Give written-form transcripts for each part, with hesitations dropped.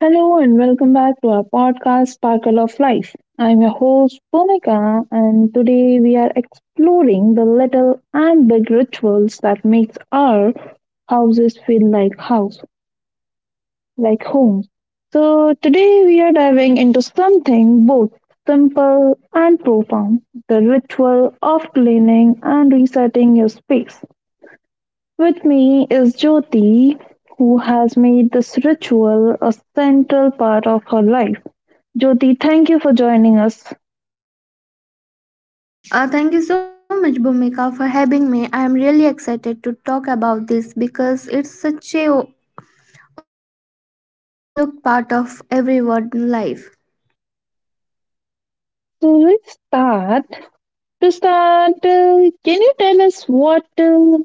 Hello and welcome back to our podcast, Sparkle of Life. I'm your host, Bhumika, and today we are exploring the little and big rituals that makes our houses feel like house, like home. So today we are diving into something both simple and profound, the ritual of cleaning and resetting your space. With me is Jyoti, who has made this ritual a central part of her life. Jyoti, thank you for joining us. Thank you so much, Bhumika, for having me. I am really excited to talk about this because it's such a overlooked part of everyone life. So we start. To start, can you tell us what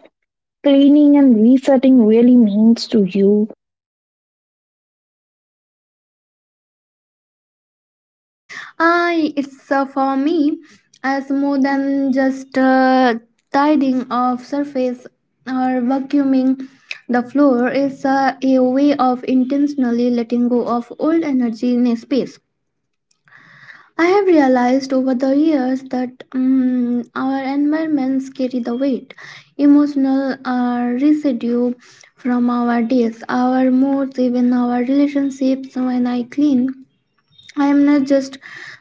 cleaning and resetting really means to you? I it's for me as more than just tidying of surface or vacuuming the floor is a way of intentionally letting go of old energy in a space. I have realized over the years that our environments carry the weight, emotional residue from our days, our moods, even our relationships. When I clean, I am not just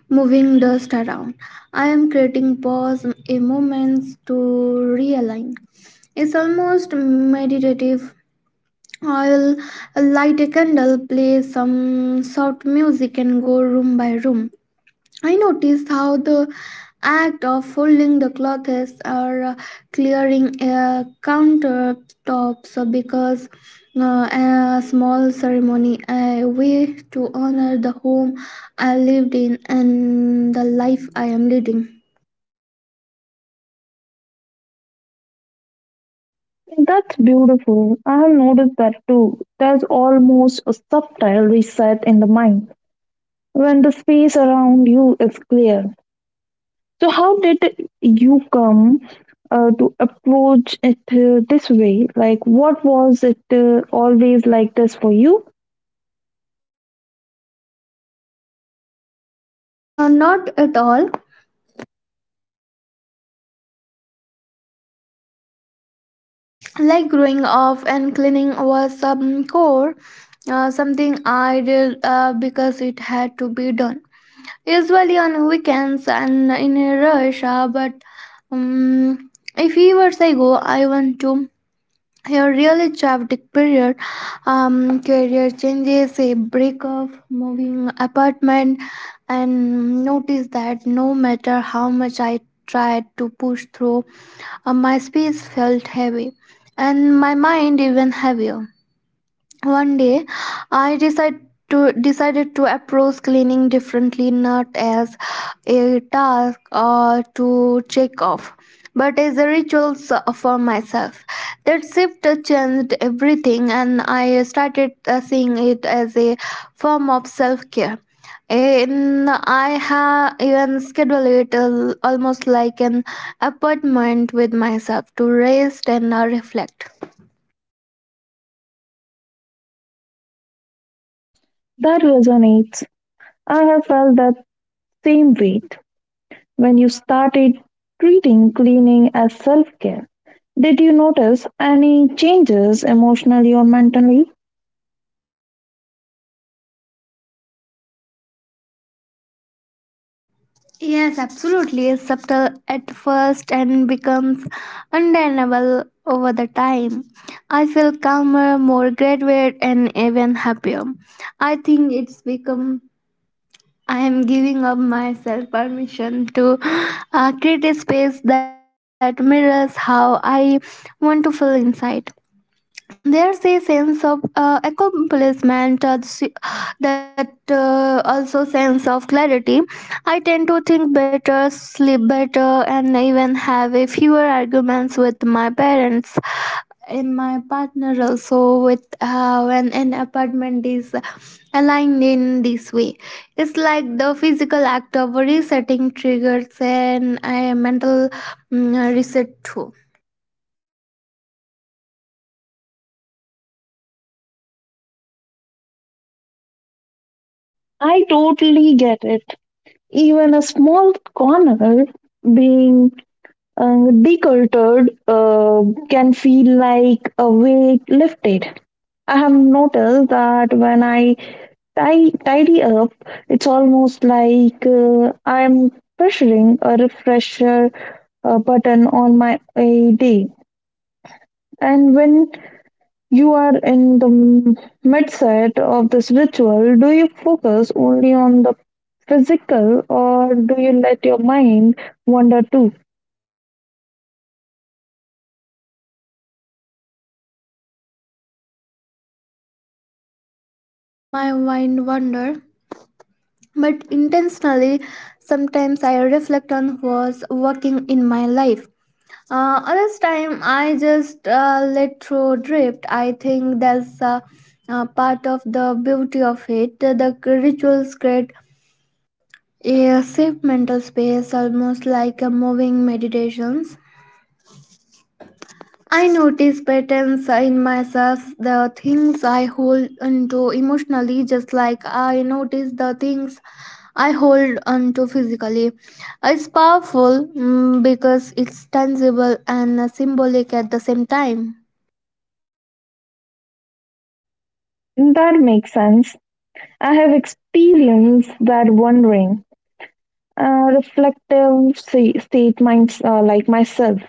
moving dust around, I am creating pause, a moments to realign. It's almost meditative. I'll light a candle, play some soft music, and go room by room. I noticed how the act of folding the clothes or clearing countertops because a small ceremony, a way to honor the home I lived in and the life I am leading. That's beautiful. I have noticed that too. There's almost a subtle reset in the mind when the space around you is clear. So, how did you come to approach it this way? Like, what was it always like this for you? Not at all. Like growing up and cleaning was some core, something I did because it had to be done. Usually on weekends and in a rush but um, if years ago I want to a really chaotic period, career changes, a breakup, moving apartment, and noticed that no matter how much I tried to push through, my space felt heavy and my mind even heavier. One day, I decided to approach cleaning differently, not as a task or to check off, but as a ritual for myself. That shift changed everything, and I started seeing it as a form of self care. And I have even scheduled it almost like an appointment with myself to rest and reflect. That resonates. I have felt that same weight when you started treating cleaning as self care. Did you notice any changes emotionally or mentally? Yes, absolutely. It's subtle at first and becomes undeniable over the time. I feel calmer, more graduated, and even happier. I think it's become I am giving up myself permission to create a space that mirrors how I want to feel inside. There's a sense of accomplishment, that also sense of clarity. I tend to think better, sleep better, and even have a fewer arguments with my parents and my partner. Also, with when an apartment is aligned in this way, it's like the physical act of resetting triggers and a mental reset too. I totally get it. Even a small corner being uh, decluttered can feel like a weight lifted. I have noticed that when I tidy up, it's almost like I'm pressuring a refresher button on my a day. And when you are in the midset of this ritual, do you focus only on the physical or do you let your mind wander too? I let my mind wander but intentionally. Sometimes I reflect on what's working in my life. Other time I just let through drift. I think that's part of the beauty of it. The rituals create a safe mental space, almost like a moving meditations. I notice patterns in myself, the things I hold onto emotionally, just like I notice the things I hold onto physically. It's powerful, because it's tangible and symbolic at the same time. That makes sense. I have experienced that wondering, reflective state minds like myself.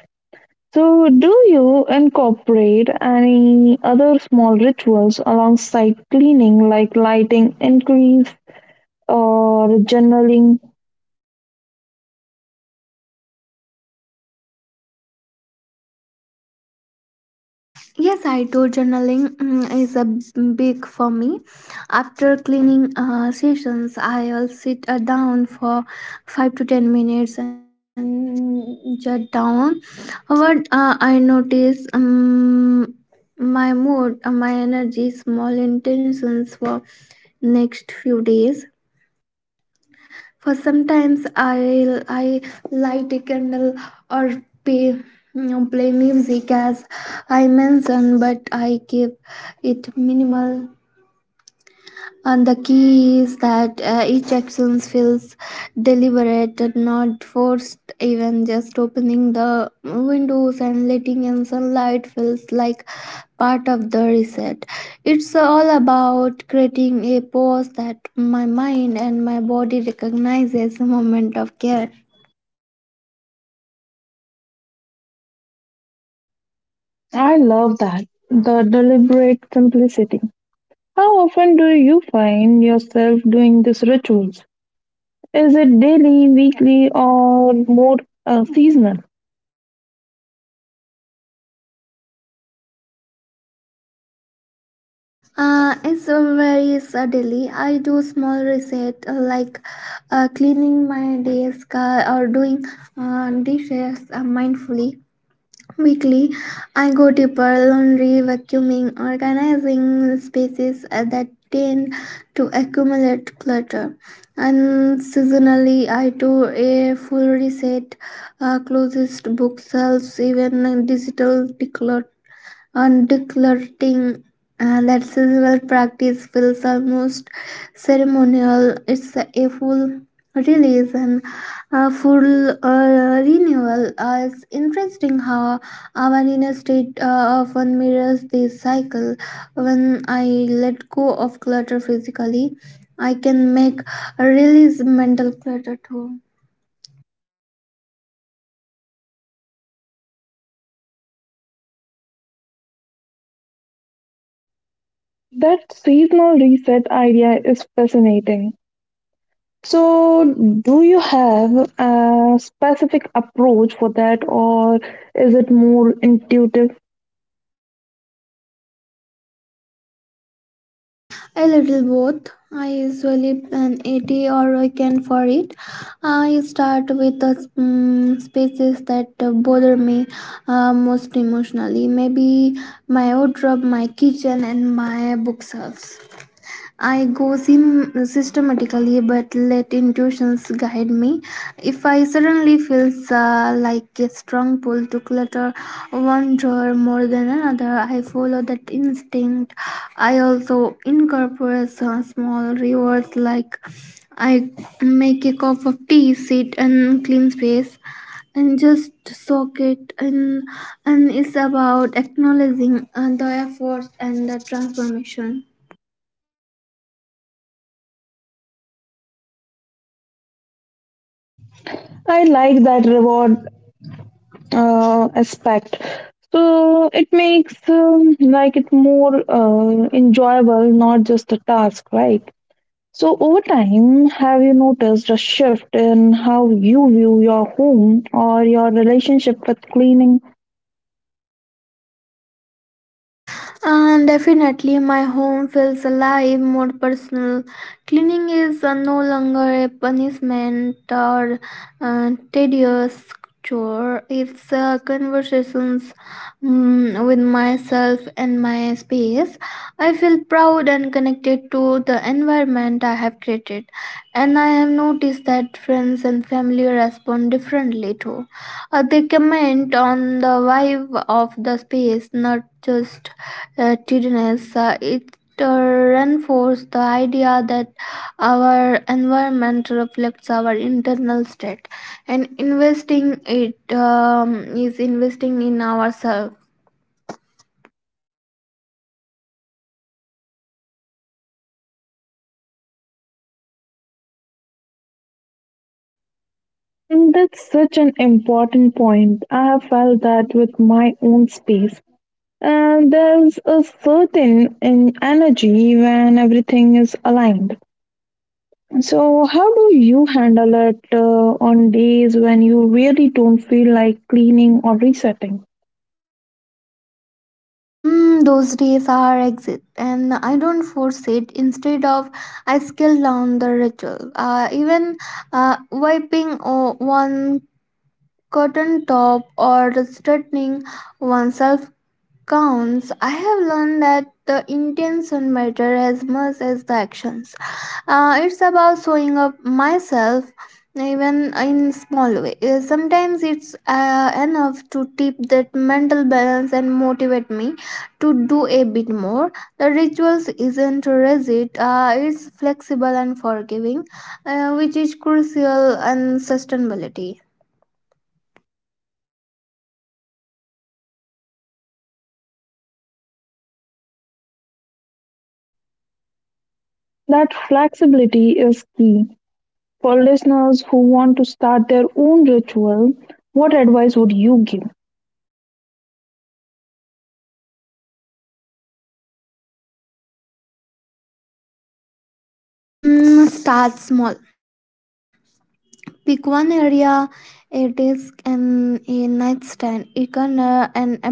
So, do you incorporate any other small rituals alongside cleaning, like lighting incense or journaling? Yes, I do. Journaling is a big for me. After cleaning sessions, I will sit down for 5 to 10 minutes and jot down what I notice. My mood, my energy, small intentions for next few days. For sometimes i light a candle or pay play music as I mentioned, but I keep it minimal. And the key is that each action feels deliberate and not forced. Even just opening the windows and letting in sunlight feels like part of the reset. It's all about creating a pause that my mind and my body recognizes a moment of care. I love that, the deliberate simplicity. How often do you find yourself doing these rituals? Is it daily, weekly, or more seasonal? It's a very subtly. I do small reset like cleaning my desk or doing dishes mindfully. Weekly, I go deeper, laundry, vacuuming, organizing spaces that tend to accumulate clutter. And seasonally, I do a full reset, closest bookshelves, even digital declutter and decluttering. And that seasonal practice feels almost ceremonial. It's a full release and a full renewal. It's interesting how our inner state often mirrors this cycle. When I let go of clutter physically, I can make a release mental clutter too. That seasonal reset idea is fascinating. So, do you have a specific approach for that, or is it more intuitive? A little both. I usually plan 80 or I can for it. I start with the spaces that bother me most emotionally. Maybe my wardrobe, my kitchen, and my bookshelves. I go systematically, but let intuitions guide me. If I suddenly feel like a strong pull to clutter one drawer more than another, I follow that instinct. I also incorporate some small rewards. Like I make a cup of tea, sit and clean space and just soak it in. And it's about acknowledging the efforts and the transformation. I like that reward aspect. So it makes like it more enjoyable, not just a task, right? So over time, have you noticed a shift in how you view your home or your relationship with cleaning? And definitely, my home feels alive, more personal. Cleaning is no longer a punishment or tedious chore. It's conversations, with myself and my space. I feel proud and connected to the environment I have created, and I have noticed that friends and family respond differently too. They comment on the vibe of the space, not just tidiness. It reinforces the idea that our environment reflects our internal state, and investing it is investing in ourselves. And that's such an important point. I have felt that with my own space. There's a certain energy when everything is aligned. So, how do you handle it on days when you really don't feel like cleaning or resetting? Those days are exit, and I don't force it. Instead of, I scale down the ritual. Even wiping one cotton top or straightening oneself counts. I have learned that the intention matter as much as the actions. It's about showing up myself even in small way. Sometimes it's enough to tip that mental balance and motivate me to do a bit more. The rituals isn't rigid, it's flexible and forgiving, which is crucial and sustainability. That flexibility is key. For listeners who want to start their own ritual, what advice would you give? Start small. Pick one area, a desk and a nightstand, a corner, and approach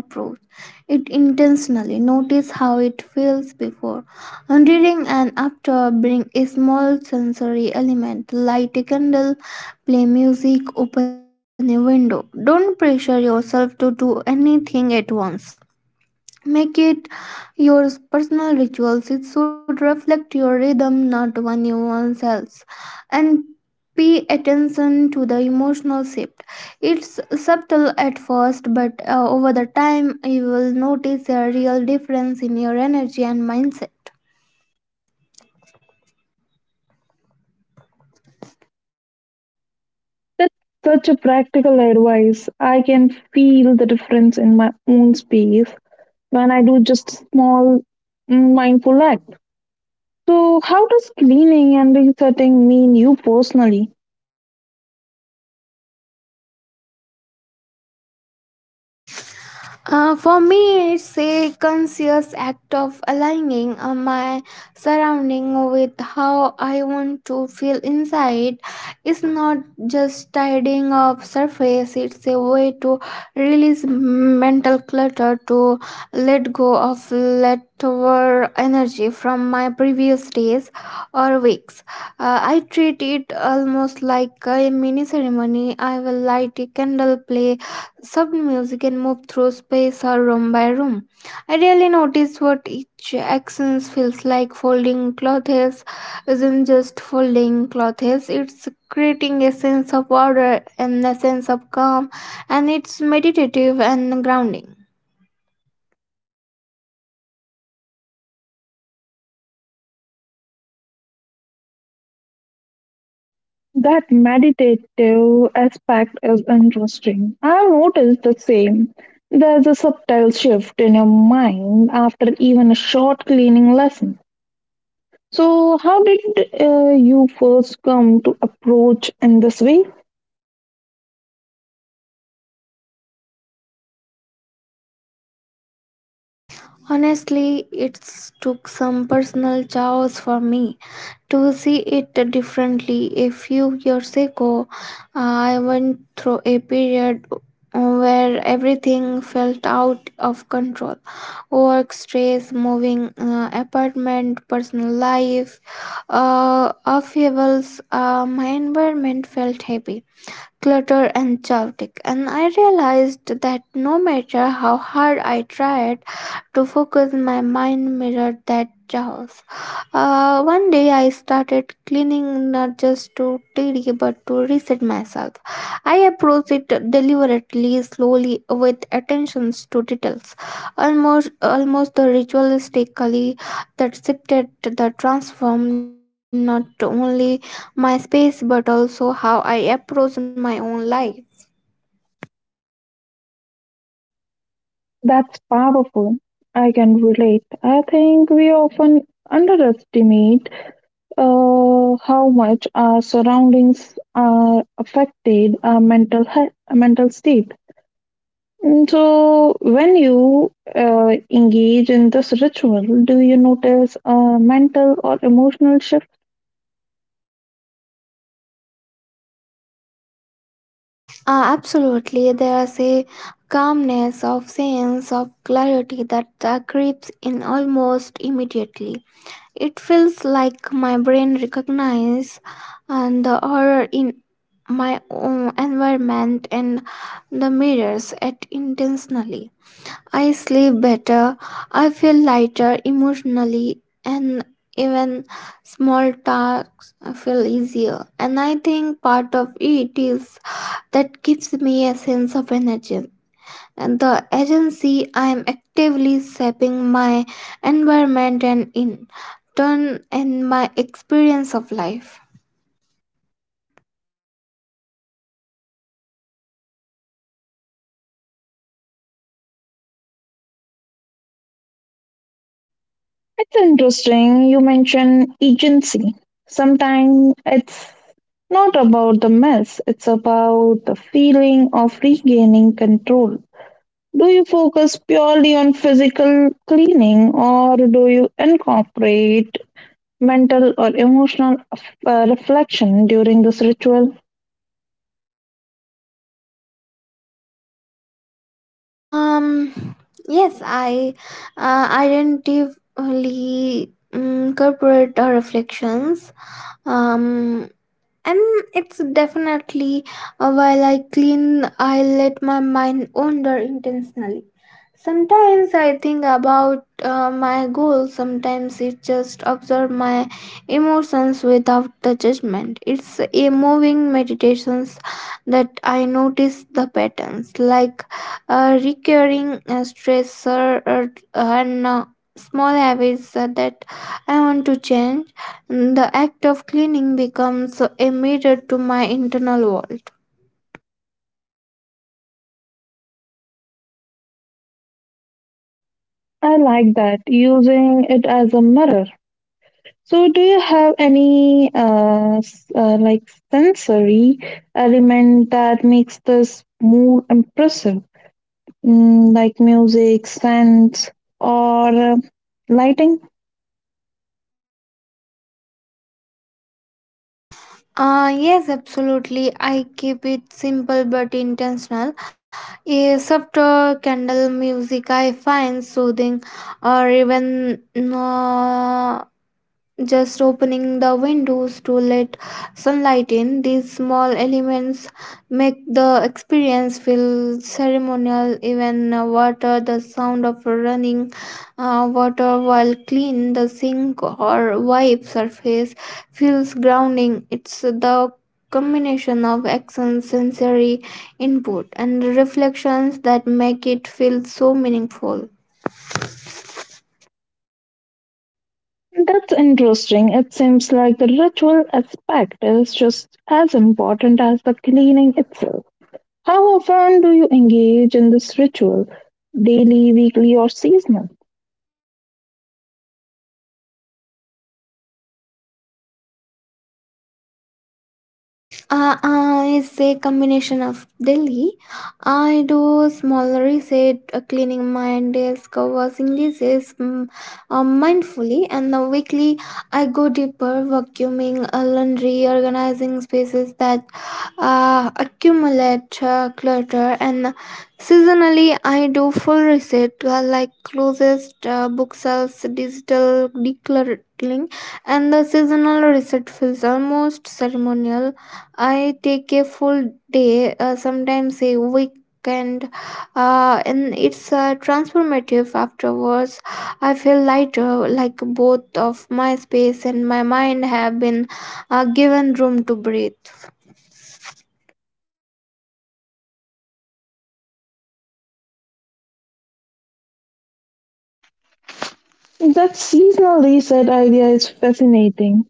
it intentionally. Notice how it feels before and reading and after. Bring a small sensory element, light a candle, play music, open a window. Don't pressure yourself to do anything at once. Make it your personal rituals. It should reflect your rhythm, not anyone else. And pay attention to the emotional shift. It's subtle at first, but over the time, you will notice a real difference in your energy and mindset. That's such a practical advice. I can feel the difference in my own space when I do just small mindful acts. So, how does cleaning and resetting mean you personally? For me, it's a conscious act of aligning my surrounding with how I want to feel inside. It's not just tidying up surface. It's a way to release mental clutter, to let go of leftover energy from my previous days or weeks. I treat it almost like a mini ceremony. I will light a candle, play soft music and move through space or room by room. I really notice what each action feels like. Folding clothes isn't just folding clothes, it's creating a sense of order and a sense of calm, and it's meditative and grounding. That meditative aspect is interesting. I've noticed the same. There's a subtle shift in your mind after even a short cleaning lesson. So, how did you first come to approach in this way? Honestly, it took some personal chaos for me to see it differently. A few years ago, I went through a period where everything felt out of control, work stress, moving apartment, personal life upheavals. My environment felt heavy, cluttered and chaotic, and I realized that no matter how hard I tried to focus, my mind mirrored that chaos. One day I started cleaning, not just to tidy but to reset myself. I approached it deliberately, slowly, with attentions to details, almost ritualistically. That shifted the transformed not only my space but also how I approached my own life. That's powerful. I can relate. I think we often underestimate how much our surroundings are affected our mental health, mental state. So, when you engage in this ritual, do you notice a mental or emotional shift? Absolutely, there's a calmness of sense of clarity that creeps in almost immediately. It feels like my brain recognizes and the horror in my own environment and the mirrors it intentionally. I sleep better, I feel lighter emotionally, and even small tasks feel easier. And I think part of it is that gives me a sense of energy and the agency. I am actively shaping my environment and in turn and my experience of life. It's interesting you mention agency. Sometimes it's not about the mess, it's about the feeling of regaining control. Do you focus purely on physical cleaning or do you incorporate mental or emotional reflection during this ritual? um yes, I identify, corporate reflections, um and it's definitely, while I clean I let my mind wander intentionally. Sometimes I think about my goals, sometimes it just observe my emotions without the judgment. It's a moving meditations that I notice the patterns, like recurring stressor, and small habits that I want to change. The act of cleaning becomes a mirror to my internal world. I like that, using it as a mirror. So, do you have any like sensory element that makes this more impressive, like music, scents, or lighting? Yes, absolutely. I keep it simple but intentional. A subtle candle music I find soothing, or even uh, just opening the windows to let sunlight in. These small elements make the experience feel ceremonial. Even water, the sound of running water while clean the sink or wipe surface feels grounding. It's the combination of action, sensory input, and reflections that make it feel so meaningful. That's interesting. It seems like the ritual aspect is just as important as the cleaning itself. How often do you engage in this ritual? Daily, weekly, or seasonal? Uh, uh, It's a combination of Delhi. I do smaller reset, cleaning my desk, covers English mindfully, and the weekly I go deeper, vacuuming, laundry, organizing spaces that accumulate clutter, and seasonally I do full reset, like closest bookshelves, digital decluttering, and the seasonal reset feels almost ceremonial. I take a full day, sometimes a weekend, and it's transformative afterwards. I feel lighter, like both of my space and my mind have been given room to breathe. That seasonal reset idea is fascinating.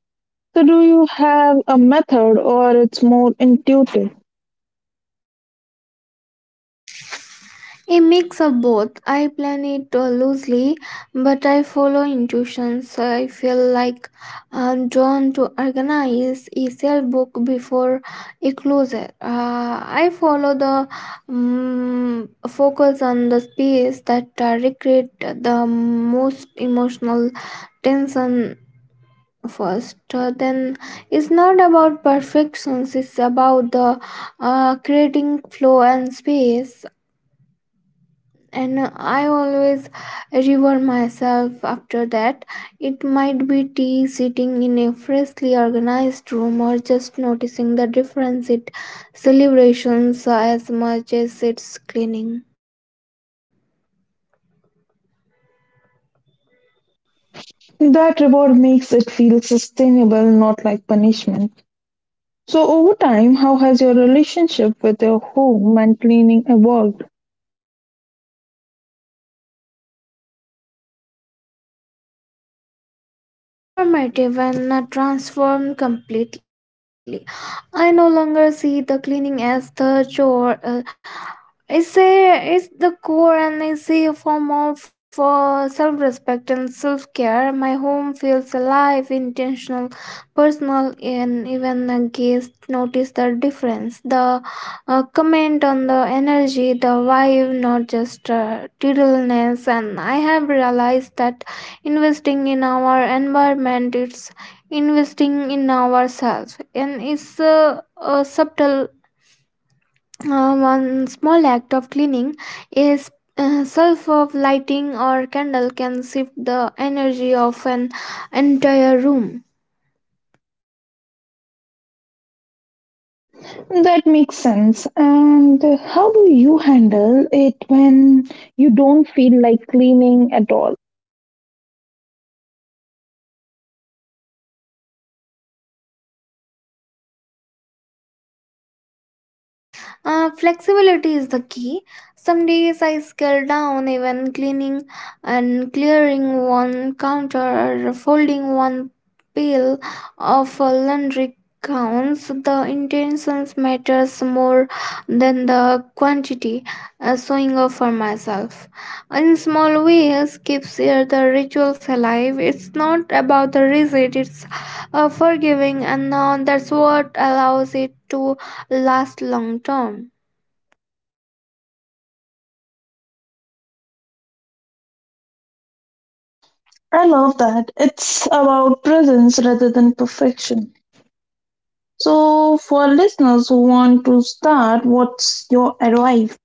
So, do you have a method or it's more intuitive? A mix of both. I plan it loosely, but I follow intuition. So I feel like I'm drawn to organize a sale book before a closer. I follow the focus on the space that recreate the most emotional tension first. Then it's not about perfections. It's about the creating flow and space, and I always reward myself after that. It might be tea sitting in a freshly organized room or just noticing the difference. It celebrations as much as its cleaning. That reward makes it feel sustainable, not like punishment. So, over time, how has your relationship with your home and cleaning evolved? Is informative and transformed completely. I no longer see the cleaning as the chore. Is a is the core and is a form of self-respect and self-care. My home feels alive, intentional, personal, and even a guest notice the difference, the comment on the energy, the vibe, not just tiddliness. And I have realized that investing in our environment, it's investing in ourselves, and it's subtle. One small act of cleaning is self of lighting or candle can shift the energy of an entire room. That makes sense. And how do you handle it when you don't feel like cleaning at all? Flexibility is the key. Some days I scale down, even cleaning and clearing one counter or folding one pile of laundry counts. The intentions matters more than the quantity. Showing up for myself in small ways keeps the rituals alive. It's not about the result; it's forgiving, and that's what allows it to last long term. I love that. It's about presence rather than perfection. So, for listeners who want to start, what's your advice?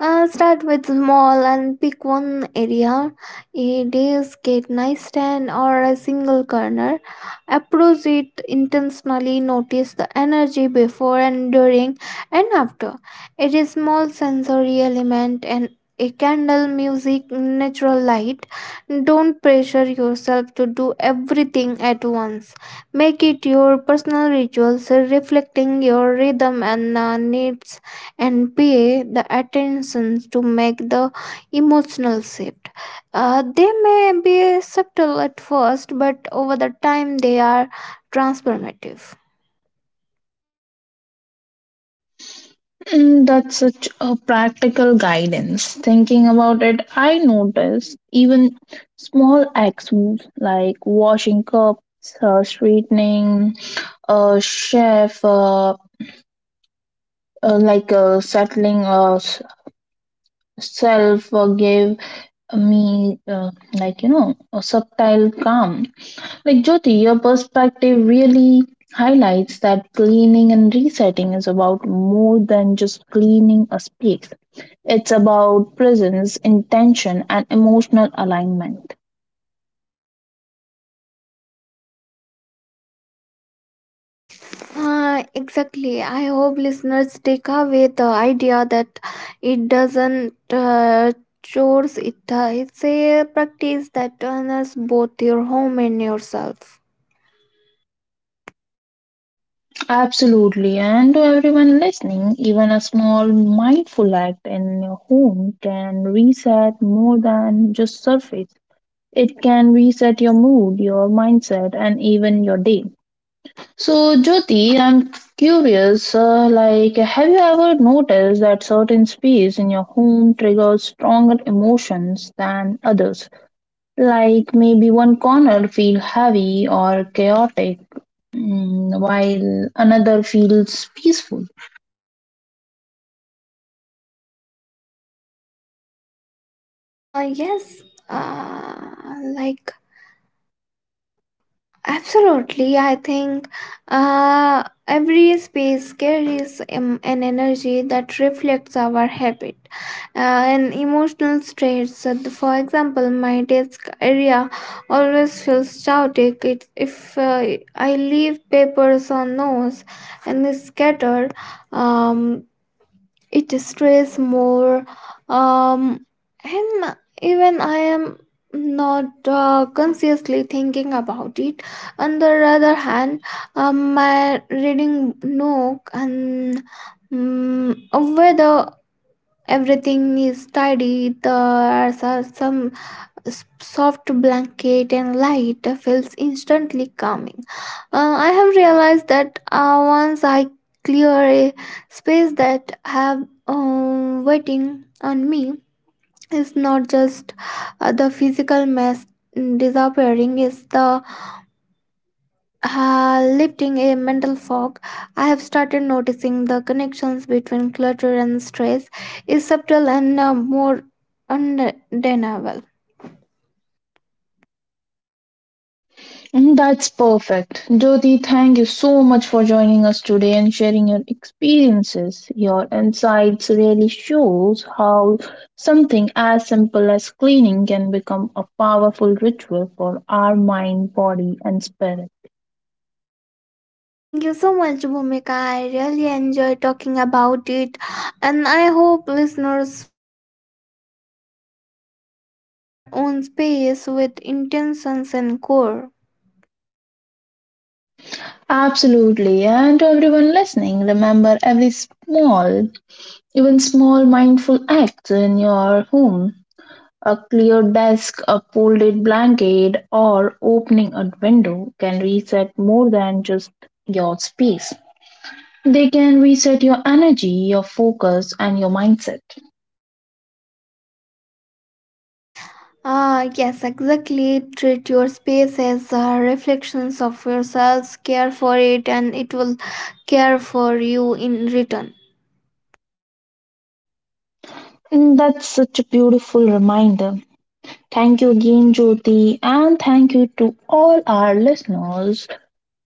Start with small and pick one area, a desk, a nightstand, or a single corner. Approach it intentionally. Notice the energy before and during and after. It is small sensory element and a candle, music, natural light. Don't pressure yourself to do everything at once. Make it your personal rituals, reflecting your rhythm and needs, and pay the attention to make the emotional shift. They may be subtle at first, but over the time they are transformative. That's such a practical guidance. Thinking about it, I notice even small acts like washing cups, straightening a chef, like settling self gave me like you know a subtle calm. Like, Jyoti, your perspective really highlights that cleaning and resetting is about more than just cleaning a space. It's about presence, intention, and emotional alignment. Exactly. I hope listeners take away the idea that it doesn't chores it. It's a practice that honors both your home and yourself. Absolutely. And to everyone listening, even a small mindful act in your home can reset more than just surface. It can reset your mood, your mindset, and even your day. So, Jyoti, I'm curious, like, have you ever noticed that certain space in your home triggers stronger emotions than others? Like maybe one corner feels heavy or chaotic, while another feels peaceful. Yes. Uh, like, absolutely, I think every space carries an energy that reflects our habit uh, and emotional states. For example, my desk area always feels chaotic. It, if I leave papers on notes and they scatter, um, it stress more um and even I am not consciously thinking about it. On the other hand, my reading nook and, um, whether everything is tidy, there are some soft blanket and light feels instantly calming. I have realized that once I clear a space that have waiting on me, it's not just the physical mess, disappearing it's the lifting a mental fog. I have started noticing the connections between clutter and stress is subtle and more undeniable. That's perfect. Jyoti, thank you so much for joining us today and sharing your experiences. Your insights really shows how something as simple as cleaning can become a powerful ritual for our mind, body and spirit. Thank you so much, Bhumika. I really enjoy talking about it, and I hope listeners feel inspired to approach their own space with intentions and core. Absolutely. And to everyone listening, remember every small, even small mindful act in your home, a clear desk, a folded blanket, or opening a window can reset more than just your space. They can reset your energy, your focus, and your mindset. Ah, yes, exactly. Treat your space as reflections of yourselves. Care for it, and it will care for you in return. That's such a beautiful reminder. Thank you again, Jyoti, and thank you to all our listeners.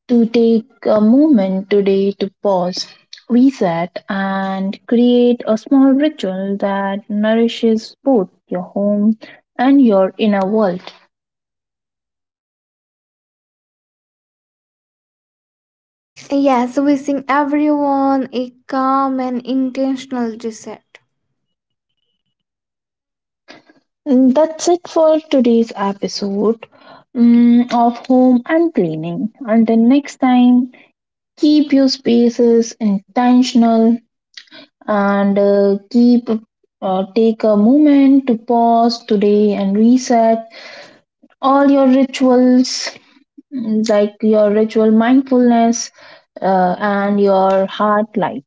To take a moment today to pause, reset, and create a small ritual that nourishes both your home and your inner world. Yes, wishing everyone a calm and intentional reset. That's it for today's episode of Home and Cleaning. Until next time, keep your spaces intentional and keep, take a moment to pause today and reset all your rituals. Like your ritual mindfulness and your heart light.